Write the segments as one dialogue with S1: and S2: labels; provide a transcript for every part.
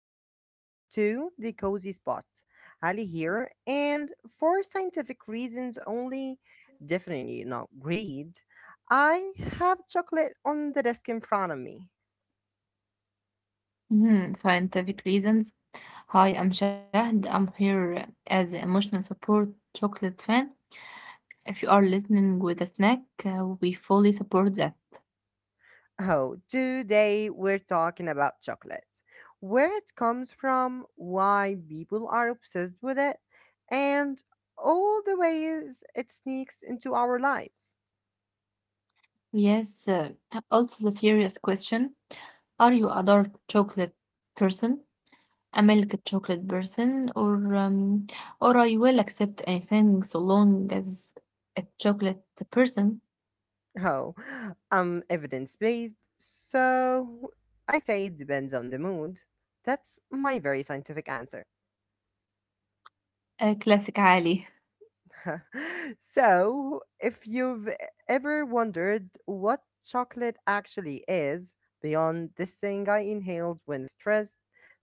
S1: welcome back to the Cozy Spot. Ali here, and for scientific reasons only, definitely not greed, I have chocolate on the desk in front of me.
S2: Mhm, scientific reasons. Hi, I'm Shahd. I'm here as emotional support chocolate fan. If you are listening with a snack, we fully support that.
S1: Oh, today we're talking about chocolate, where it comes from, why people are obsessed with it, and all the ways it sneaks into our lives.
S2: Yes, also the serious question. Are you a dark chocolate person, a milk chocolate person, or I will accept anything so long as a chocolate person?
S1: Oh, I'm evidence based, so I say it depends on the mood. That's my very scientific answer.
S2: A classic Ali.
S1: So, if you've ever wondered what chocolate actually is, beyond this thing I inhaled when stressed,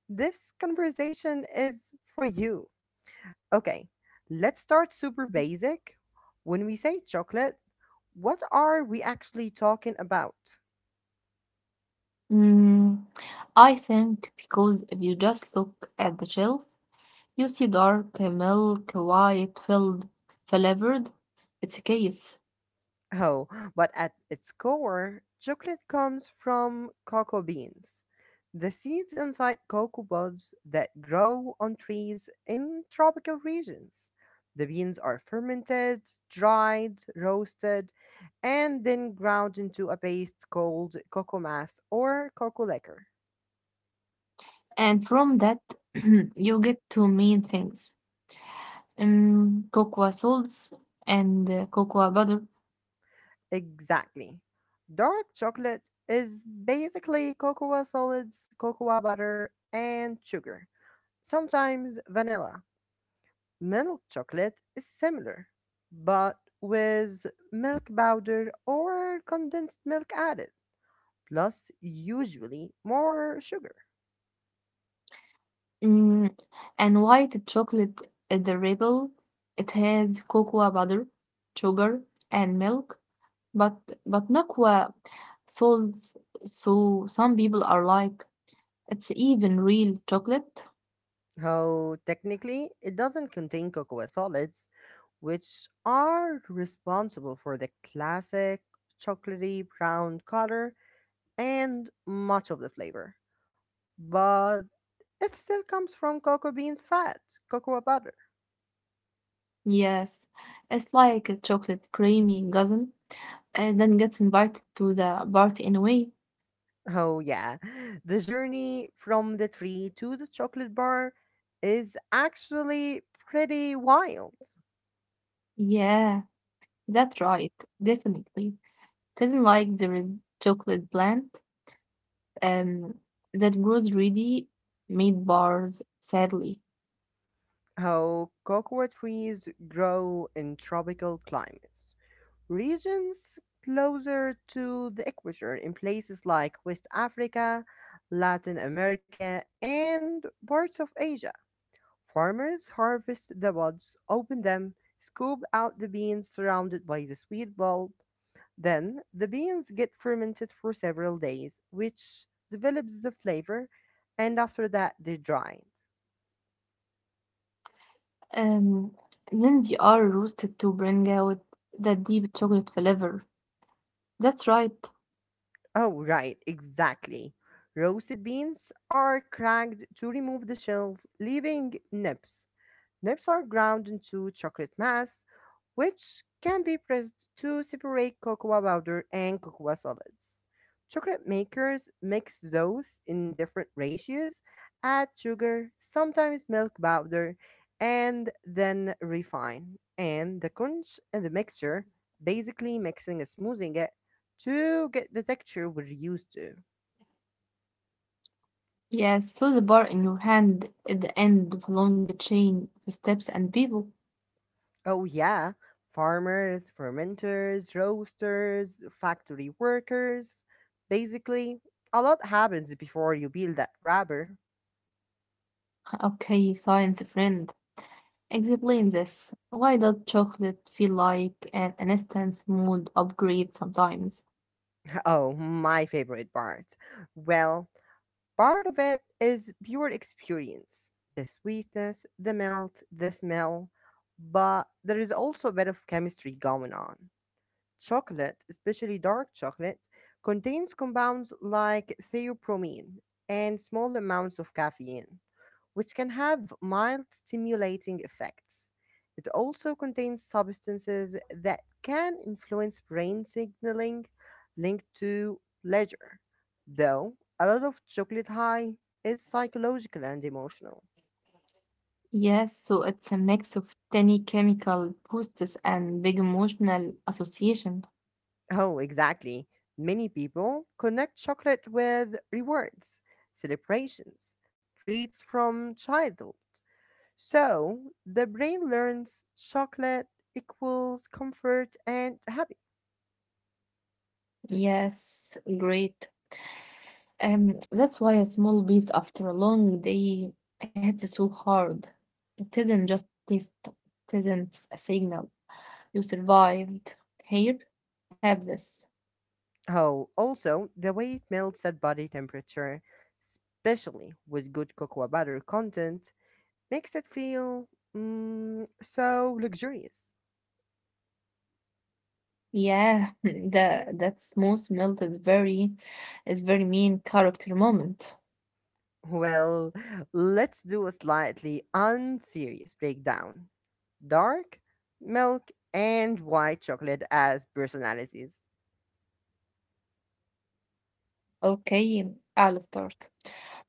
S1: this conversation is for you. Okay, let's start super basic. When we say chocolate, what are we actually talking about?
S2: Mm, I think because if you just look at the shelf, you see dark, milk, white, filled, flavored. It's a case.
S1: Oh, but at its core, chocolate comes from cocoa beans, the seeds inside cocoa buds that grow on trees in tropical regions. The beans are fermented, dried, roasted, and then ground into a paste called cocoa mass or cocoa liquor.
S2: And from that, you get two main things. Cocoa salts and cocoa butter.
S1: Exactly. Dark chocolate is basically cocoa solids, cocoa butter, and sugar, sometimes vanilla. Milk chocolate is similar, but with milk powder or condensed milk added, plus usually more sugar.
S2: Mm, and white chocolate is the rebel. It has cocoa butter, sugar, and milk. But but not cocoa salts. So some people are like, it's even real chocolate.
S1: Oh, technically, it doesn't contain cocoa solids, which are responsible for the classic chocolatey brown color and much of the flavor. But it still comes from cocoa beans fat, cocoa butter.
S2: Yes, it's like a chocolate creamy cousin, and then gets invited to the party anyway.
S1: Oh, yeah. The journey from the tree to the chocolate bar is actually pretty wild.
S2: Yeah, that's right, definitely. It isn't like there is chocolate plant um that grows really made bars, sadly.
S1: How cocoa trees grow in tropical climates. Regions closer to the equator in places like West Africa, Latin America, and parts of Asia. Farmers harvest the buds, open them, scoop out the beans surrounded by the sweet bulb. Then the beans get fermented for several days, which develops the flavor, and after that they're dried.
S2: Um, then they are roasted to bring out the deep chocolate flavor. That's right.
S1: Oh, right, exactly. Roasted beans are cracked to remove the shells, leaving nibs. Nibs are ground into chocolate mass, which can be pressed to separate cocoa powder and cocoa solids. Chocolate makers mix those in different ratios, add sugar, sometimes milk powder, and then refine. And the conch and the mixture, basically mixing and smoothing it to get the texture we're used to.
S2: Yes, so the bar in your hand at the end of a long chain of steps and people.
S1: Oh, yeah. Farmers, fermenters, roasters, factory workers. Basically, a lot happens before you build that rubber.
S2: Okay, science friend. Explain this. Why does chocolate feel like an instant mood upgrade sometimes?
S1: Oh, my favorite part. Well, part of it is pure experience the sweetness, the melt, the smell. But there is also a bit of chemistry going on. Chocolate, especially dark chocolate, contains compounds like theobromine and small amounts of caffeine, which can have mild stimulating effects. It also contains substances that can influence brain signaling linked to pleasure, though a lot of chocolate high is psychological and emotional.
S2: Yes, so it's a mix of tiny chemical boosts and big emotional association.
S1: Oh, exactly. Many people connect chocolate with rewards, celebrations, treats from childhood. So the brain learns chocolate equals comfort and happy.
S2: Yes, great. That's why a small piece after a long day hits so hard. It isn't just taste, it isn't a signal. You survived. Here, have this.
S1: Oh, also, the way it melts at body temperature, especially with good cocoa butter content, makes it feel so luxurious.
S2: Yeah, the that smooth melt is very mean character moment.
S1: Well, let's do a slightly unserious breakdown. Dark, milk, and white chocolate as personalities.
S2: Okay, I'll start.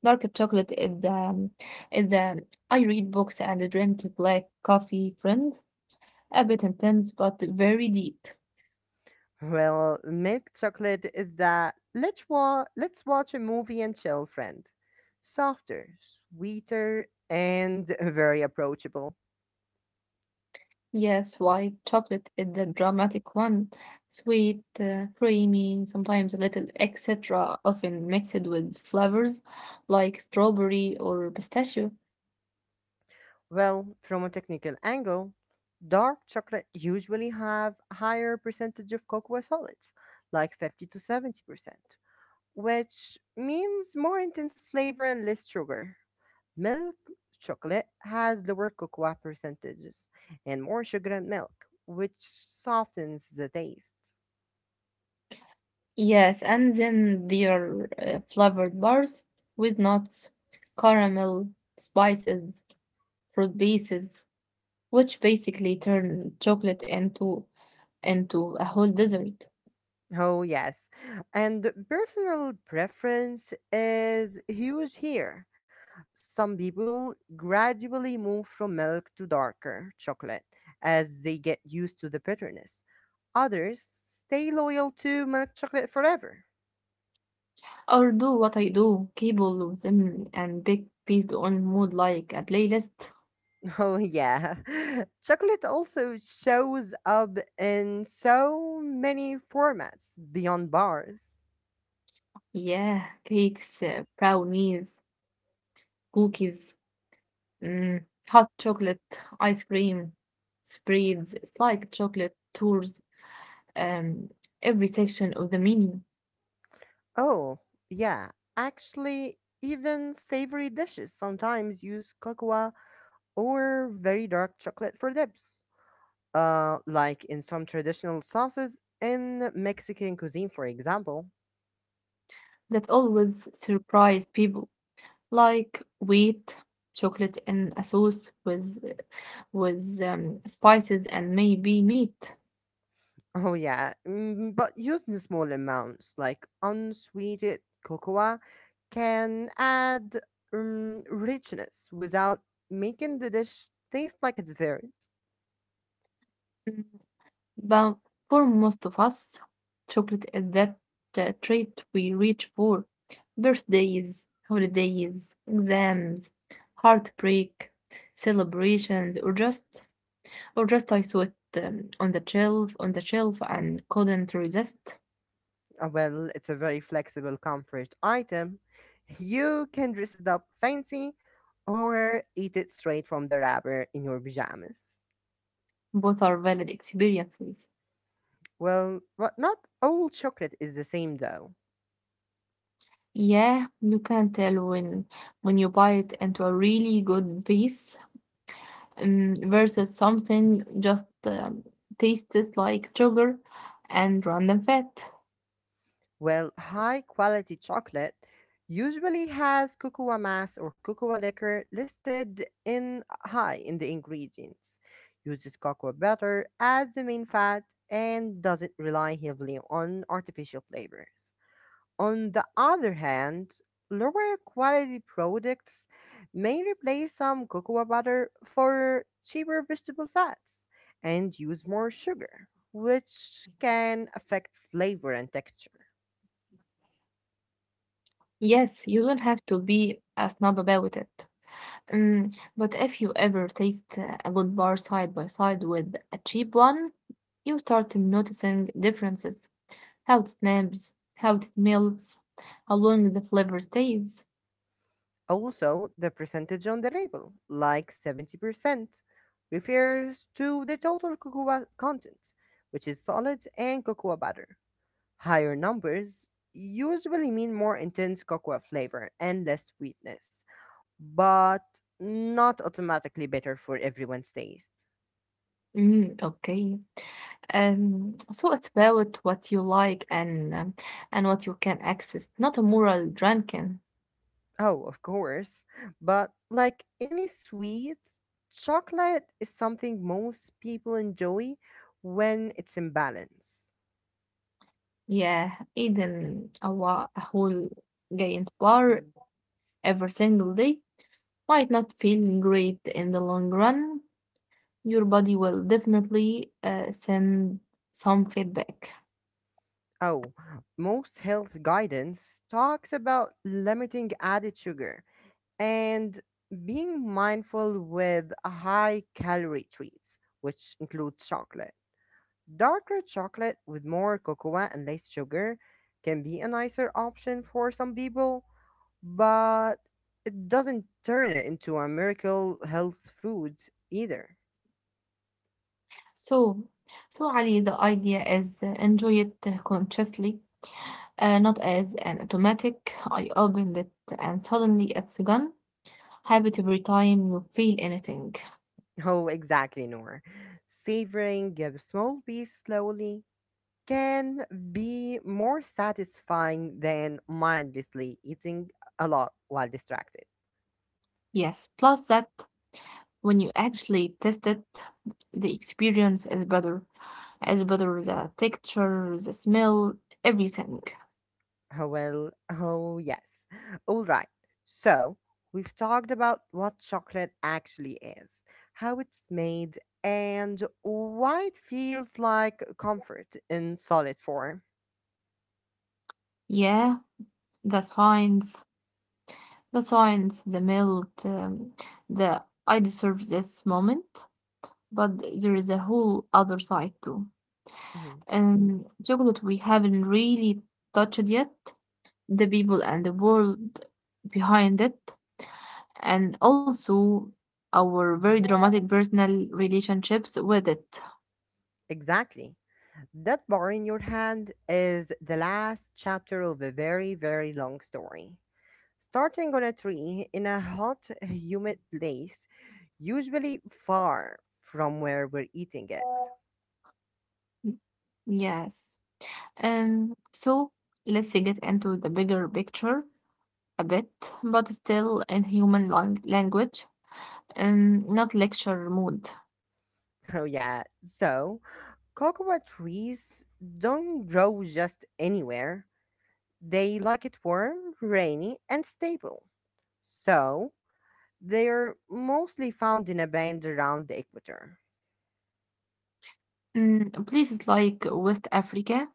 S2: Dark chocolate is the I read books and drink black coffee friend. A bit intense but very deep.
S1: Well, milk chocolate is the let's watch a movie and chill friend. Softer, sweeter, and very approachable.
S2: Yes, white chocolate is the dramatic one. Sweet, creamy, sometimes a little etc. Often mixed with flavors like strawberry or pistachio.
S1: Well, from a technical angle, dark chocolate usually have higher percentage of cocoa solids, like 50 to 70%, which means more intense flavor and less sugar. Milk chocolate has lower cocoa percentages and more sugar and milk, which softens the taste.
S2: Yes, and then there are flavored bars with nuts, caramel, spices, fruit bases, which basically turn chocolate into a whole dessert.
S1: Oh, yes. And personal preference is huge here. Some people gradually move from milk to darker chocolate as they get used to the bitterness. Others stay loyal to milk chocolate forever.
S2: Or do what I do, cable with them and bake based on mood like a playlist.
S1: Oh, yeah. Chocolate also shows up in so many formats beyond bars.
S2: Yeah, cakes, brownies, cookies, mm, hot chocolate, ice cream, spreads. It's like chocolate tours um, every section of the menu
S1: Oh, yeah. Actually, even savory dishes sometimes use cocoa or very dark chocolate for dips. Like in some traditional sauces in Mexican cuisine, for example.
S2: that always surprise people, like wheat, chocolate, and a sauce with spices and maybe meat.
S1: Oh yeah, but using small amounts like unsweetened cocoa can add richness without making the dish taste like a dessert.
S2: Mm, But for most of us, chocolate is that treat we reach for. Birthdays, holidays, exams, heartbreak, celebrations, or just I saw it on the shelf and couldn't resist.
S1: Well, it's a very flexible comfort item. You can dress it up fancy or eat it straight from the wrapper in your pajamas.
S2: Both are valid experiences.
S1: Well, but not all chocolate is the same though.
S2: Yeah, you can tell when you bite into a really good piece versus something just tastes like sugar and random fat.
S1: Well, high quality chocolate usually has cocoa mass or cocoa liquor listed in high in the ingredients. Uses cocoa butter as the main fat and doesn't rely heavily on artificial flavors. On the other hand, lower quality products may replace some cocoa butter for cheaper vegetable fats and use more sugar, which can affect flavor and texture.
S2: Yes, you don't have to be a snob about it. Um, but if you ever taste a good bar side by side with a cheap one, you start noticing differences. How it snaps, how it melts, how long the flavor stays.
S1: Also, the percentage on the label, like 70%, refers to the total cocoa content, which is solids and cocoa butter. Higher numbers usually mean more intense cocoa flavor and less sweetness, but not automatically better for everyone's taste.
S2: Okay. So it's about what you like and what you can access, not a moral drinking.
S1: Oh, of course, but like any sweet, chocolate is something most people enjoy when it's in balance.
S2: Yeah, eating a whole giant bar every single day might not feel great in the long run. Your body will definitely send some feedback.
S1: Oh, most health guidance talks about limiting added sugar and being mindful with high calorie treats, which include chocolate. Darker chocolate with more cocoa and less sugar can be a nicer option for some people, but it doesn't turn it into a miracle health food either.
S2: So, so, Ali, the idea is enjoy it consciously, not as an automatic. I opened it and suddenly it's gone. Habit every time you feel anything.
S1: Oh, exactly, Noor. Savoring a small piece slowly can be more satisfying than mindlessly eating a lot while distracted.
S2: Yes, plus that when you actually test it, the experience is better. Is better the texture, the smell, everything.
S1: Oh, Well, oh yes. All right. So, we've talked about what chocolate actually is, how it's made, and why it feels like comfort in solid form.
S2: Yeah, the signs, the signs, the melt, the I deserve this moment. But there is a whole other side too.
S1: Mhm.
S2: Chocolate we haven't really touched yet, the people and the world behind it, and also our very dramatic personal relationships with it.
S1: Exactly. That bar in your hand is the last chapter of a very, very long story. Starting on a tree in a hot, humid place, usually far from where we're eating it.
S2: Yes. So let's get into the bigger picture a bit, but still in human language, not lecture mode.
S1: Oh, yeah. So, cocoa trees don't grow just anywhere. They like it warm, rainy, and stable. So, they're mostly found in a band around the equator.
S2: Places like West Africa,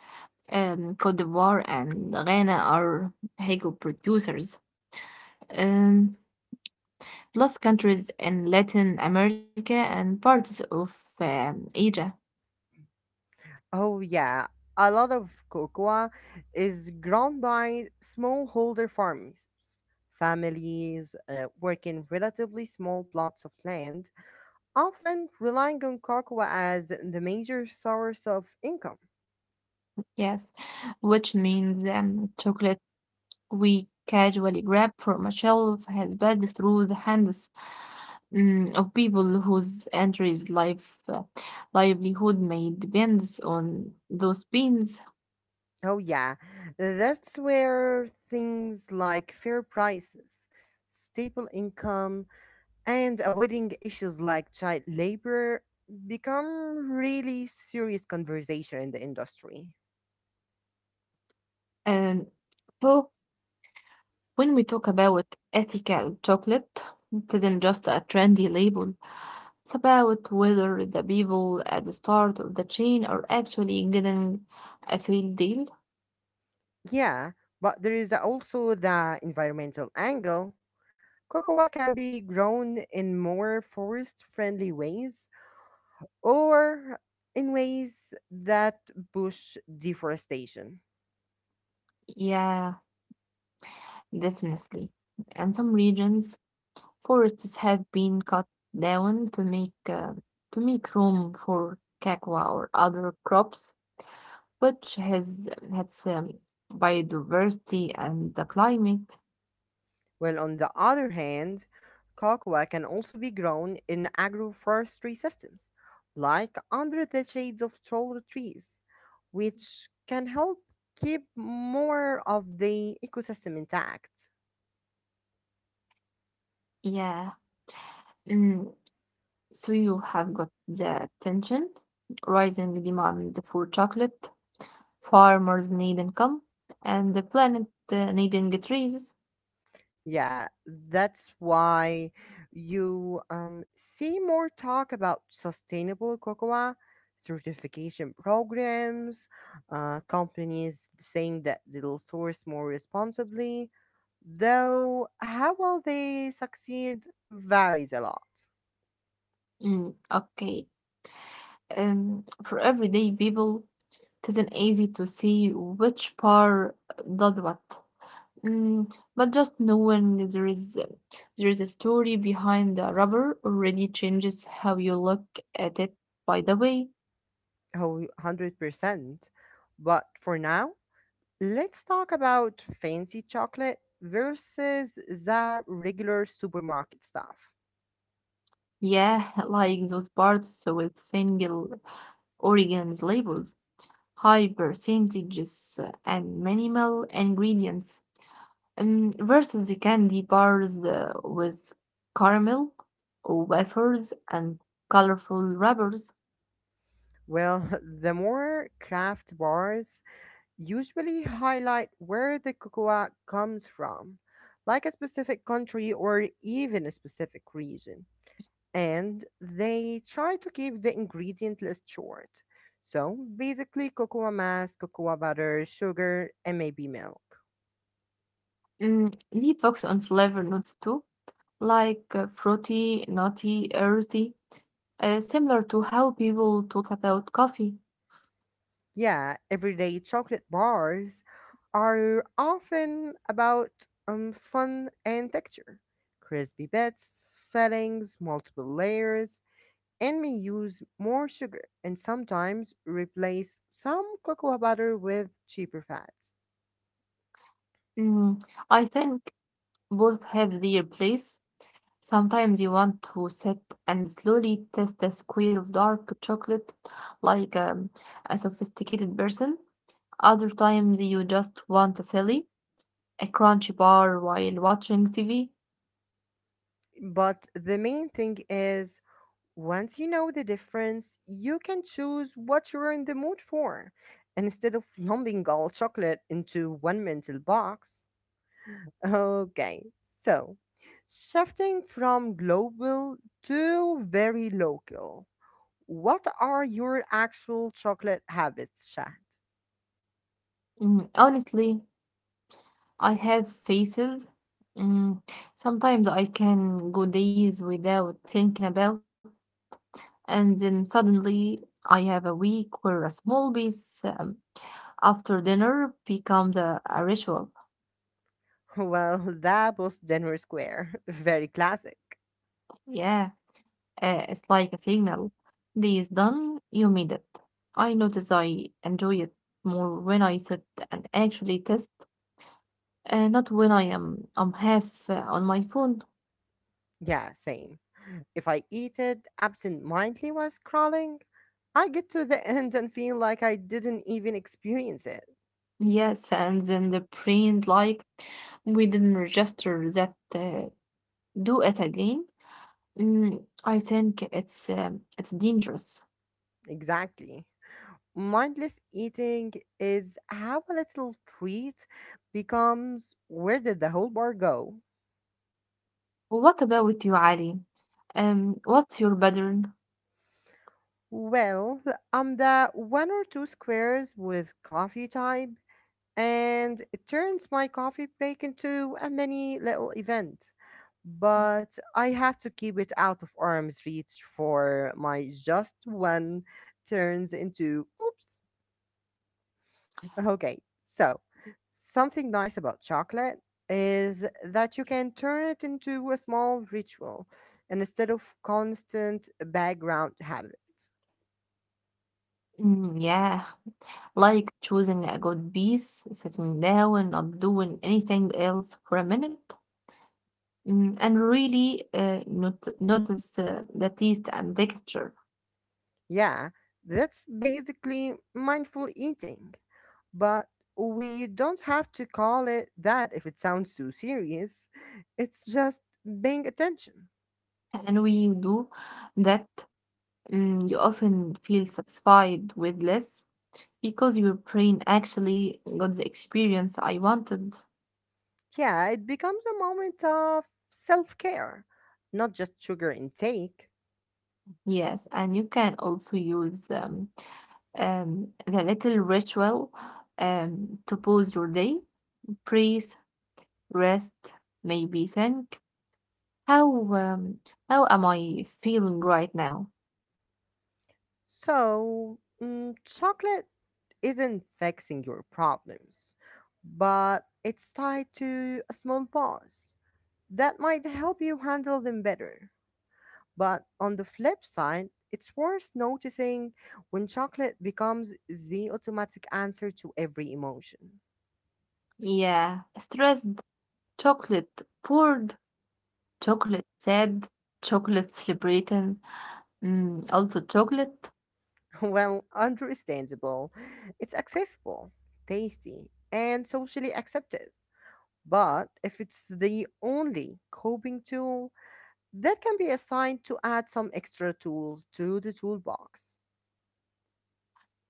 S2: Cote d'Ivoire, and Ghana are Hago producers. Um, plus countries in Latin America and parts of Asia.
S1: Oh yeah, a lot of cocoa is grown by smallholder farmers. Families working relatively small plots of land, often relying on cocoa as the major source of income.
S2: Yes, which means chocolate we casually grab from a shelf has passed through the hands, mm, of people whose entries life livelihood may depends on those beans.
S1: Oh yeah, that's where things like fair prices, stable income, and avoiding issues like child labor become really serious conversation in the industry.
S2: And so when we talk about ethical chocolate, it isn't just a trendy label. It's about whether the people at the start of the chain are actually getting a fair deal.
S1: Yeah, but there is also the environmental angle. Cocoa can be grown in more forest friendly ways or in ways that push deforestation.
S2: Yeah, definitely. And some regions, forests have been cut down to make room for cacao or other crops, which has biodiversity and the climate.
S1: Well, on the other hand, cocoa can also be grown in agroforestry systems, like under the shades of taller trees, which can help keep more of the ecosystem intact.
S2: Yeah. Mm, So you have got the tension, rising demand for chocolate, farmers need income, and the planet needing trees.
S1: Yeah, that's why you see more talk about sustainable cocoa certification programs, companies saying that they'll source more responsibly, though how well they succeed varies a lot.
S2: Okay. For everyday people, it isn't easy to see which part does what. Mm, but just knowing there is a story behind the rubber already changes how you look at it. By the way,
S1: Oh, 100%. But for now, let's talk about fancy chocolate versus the regular supermarket stuff.
S2: yeah, like those parts with single Oregon's labels, high percentages and minimal ingredients, versus the candy bars with caramel, wafers, and colorful wrappers.
S1: Well, the more craft bars usually highlight where the cocoa comes from, like a specific country or even a specific region. And they try to keep the ingredient list short. So basically, cocoa mass, cocoa butter, sugar, and maybe milk.
S2: They focus on flavor notes too, like fruity, nutty, earthy, similar to how people talk about coffee.
S1: Yeah, everyday chocolate bars are often about fun and texture. Crispy bits, fillings, multiple layers, and may use more sugar and sometimes replace some cocoa butter with cheaper fats.
S2: Mm, I think both have their place. Sometimes you want to sit and slowly taste a square of dark chocolate like a sophisticated person. Other times you just want a silly, a crunchy bar while watching TV.
S1: But the main thing is once you know the difference, you can choose what you're in the mood for. And instead of lumping all chocolate into one mental box, okay, so shifting from global to very local, what are your actual chocolate habits, Shad?
S2: Honestly, I have phases. Mm, sometimes I can go days without thinking about, and then suddenly I have a week where a small piece after dinner becomes a ritual.
S1: Well, that was Denver Square. Very classic.
S2: Yeah, it's like a signal. This is done, you made it. I notice I enjoy it more when I sit and actually test, not when I'm half on my phone.
S1: Yeah, same. If I eat it absent mindedly while scrolling, I get to the end and feel like I didn't even experience it.
S2: Yes, and then the brain like we didn't register that, do it again. I think it's dangerous.
S1: Exactly. Mindless eating is how a little treat becomes where did the whole bar go?
S2: What about you, Ali? What's your pattern?
S1: Well, I'm the one or two squares with coffee type, and it turns my coffee break into a mini little event. But I have to keep it out of arm's reach for my just one turns into oops. Okay, so something nice about chocolate is that you can turn it into a small ritual and instead of constant background habit.
S2: Yeah, like choosing a good piece, sitting down, not doing anything else for a minute, mm, and really not, notice the taste and texture.
S1: Yeah, that's basically mindful eating, but we don't have to call it that if it sounds too serious. It's just paying attention.
S2: And when you do that, mm, you often feel satisfied with less because your brain actually got the experience I wanted.
S1: Yeah, it becomes a moment of self care, not just sugar intake.
S2: Yes, and you can also use the little ritual to pause your day, breathe, rest, maybe think, how um, how am I feeling right now?
S1: So, chocolate isn't fixing your problems, but it's tied to a small pause that might help you handle them better. But on the flip side, it's worth noticing when chocolate becomes the automatic answer to every emotion.
S2: Yeah, stressed, chocolate poured, chocolate sad, chocolate celebrating, mm, also chocolate.
S1: Well, understandable. It's accessible, tasty, and socially accepted. But if it's the only coping tool, that can be assigned to add some extra tools to the toolbox.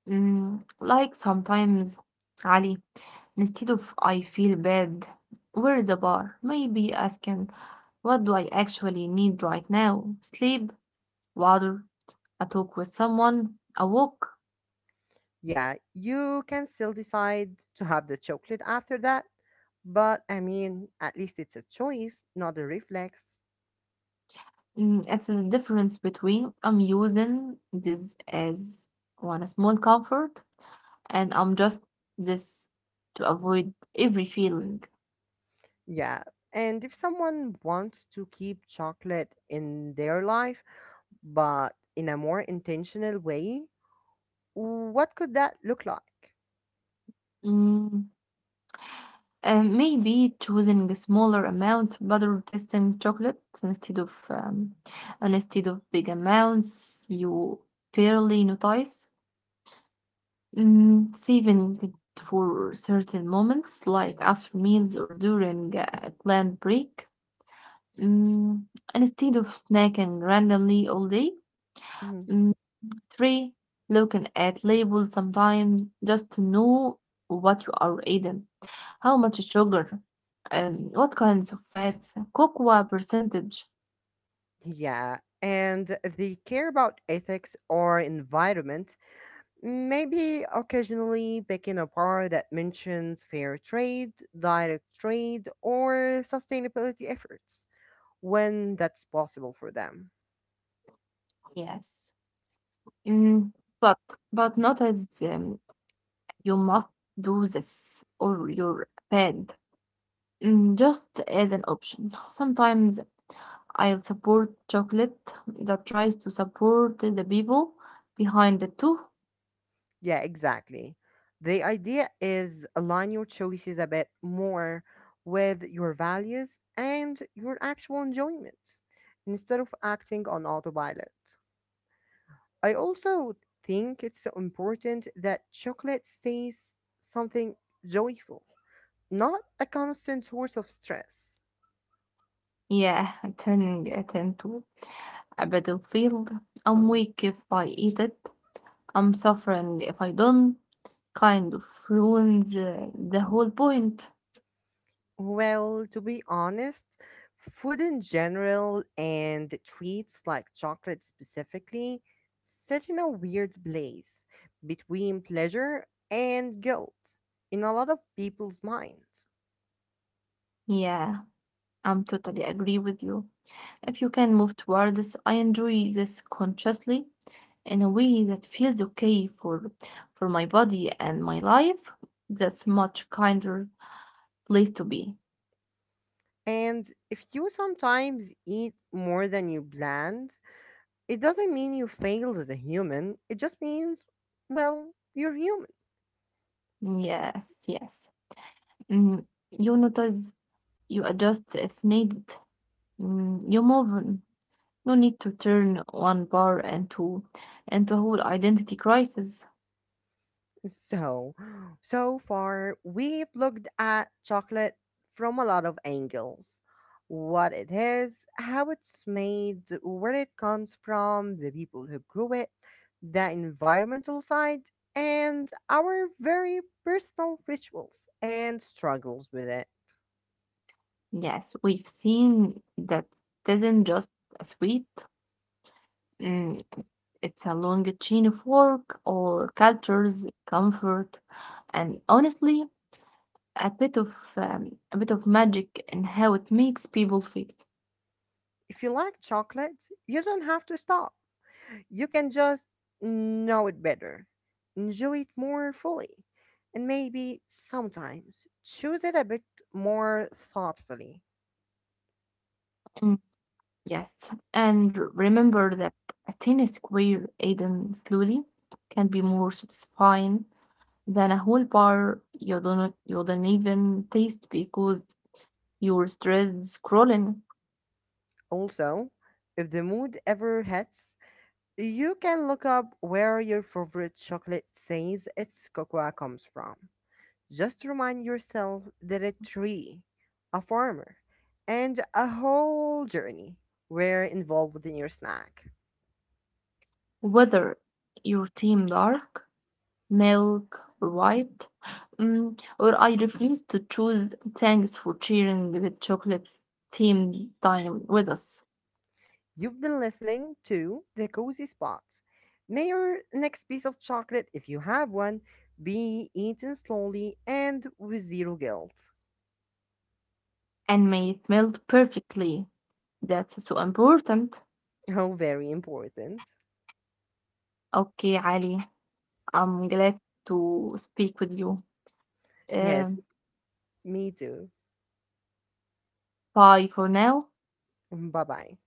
S2: Like sometimes, Ali, instead of I feel bad, where is the bar? Maybe asking, what do I actually need right now? Sleep, water, a talk with someone, a walk.
S1: Yeah, you can still decide to have the chocolate after that, but I mean, at least it's a choice, not a reflex.
S2: It's the difference between I'm using this as one small comfort and I'm just this to avoid every feeling.
S1: Yeah, and if someone wants to keep chocolate in their life, but in a more intentional way, what could that look like?
S2: Mm, and maybe choosing smaller amounts rather testing chocolate instead of big amounts you barely notice. Saving it for certain moments like after meals or during a planned break, mm, and instead of snacking randomly all day.
S1: Mhm.
S2: Mm, three, looking at labels sometimes just to know what you are eating, how much sugar, what kinds of fats, cocoa percentage.
S1: Yeah, and if they care about ethics or environment, maybe occasionally picking a bar that mentions fair trade, direct trade, or sustainability efforts when that's possible for them.
S2: Yes. Mm, but not as you must do this or you're bad. Just as an option. Sometimes I'll support chocolate that tries to support the people behind it too.
S1: Yeah, exactly. The idea is align your choices a bit more with your values and your actual enjoyment instead of acting on autopilot. I also think it's so important that chocolate stays something joyful, not a constant source of stress.
S2: Yeah, turning it into a battlefield. I'm weak if I eat it. I'm suffering if I don't. Kind of ruins the whole point.
S1: Well, to be honest, food in general and treats like chocolate specifically sit in a weird place between pleasure and guilt in a lot of people's minds.
S2: Yeah, I'm totally agree with you. If you can move towards, I enjoy this consciously in a way that feels okay for my body and my life. That's much kinder place to be.
S1: And if you sometimes eat more than you planned, it doesn't mean you failed as a human. It just means, well, you're human.
S2: Yes, yes. Mm, you notice, you adjust if needed. You move on. No need to turn one bar into a whole identity crisis.
S1: So, so far, we've looked at chocolate from a lot of angles. What it is, how it's made, where it comes from, the people who grew it, the environmental side, and our very personal rituals and struggles with it.
S2: Yes, we've seen that it isn't just a suite. Mm, it's a long chain of work, all cultures, comfort, and honestly, a bit of a bit of magic in how it makes people feel.
S1: If you like chocolate, you don't have to stop. You can just know it better, enjoy it more fully, and maybe sometimes choose it a bit more thoughtfully.
S2: Mm, Yes, and remember that a 10 square eaten slowly can be more satisfying than a whole bar you don't even taste because you're stressed scrolling,
S1: Also, if the mood ever hits, you can look up where your favorite chocolate says its cocoa comes from. Just remind yourself that a tree, a farmer, and a whole journey were involved in your snack.
S2: whether your team dark, milk, white, mm, or I refuse to choose. Thanks for sharing the chocolate themed time with us.
S1: You've been listening to The Cozy Spot. May your next piece of chocolate, if you have one, be eaten slowly and with zero guilt.
S2: And may it melt perfectly. That's so important.
S1: How very important.
S2: Okay, Ali, I'm glad to speak with you.
S1: Yes,
S2: Um,
S1: me too.
S2: bye for now.
S1: Bye bye.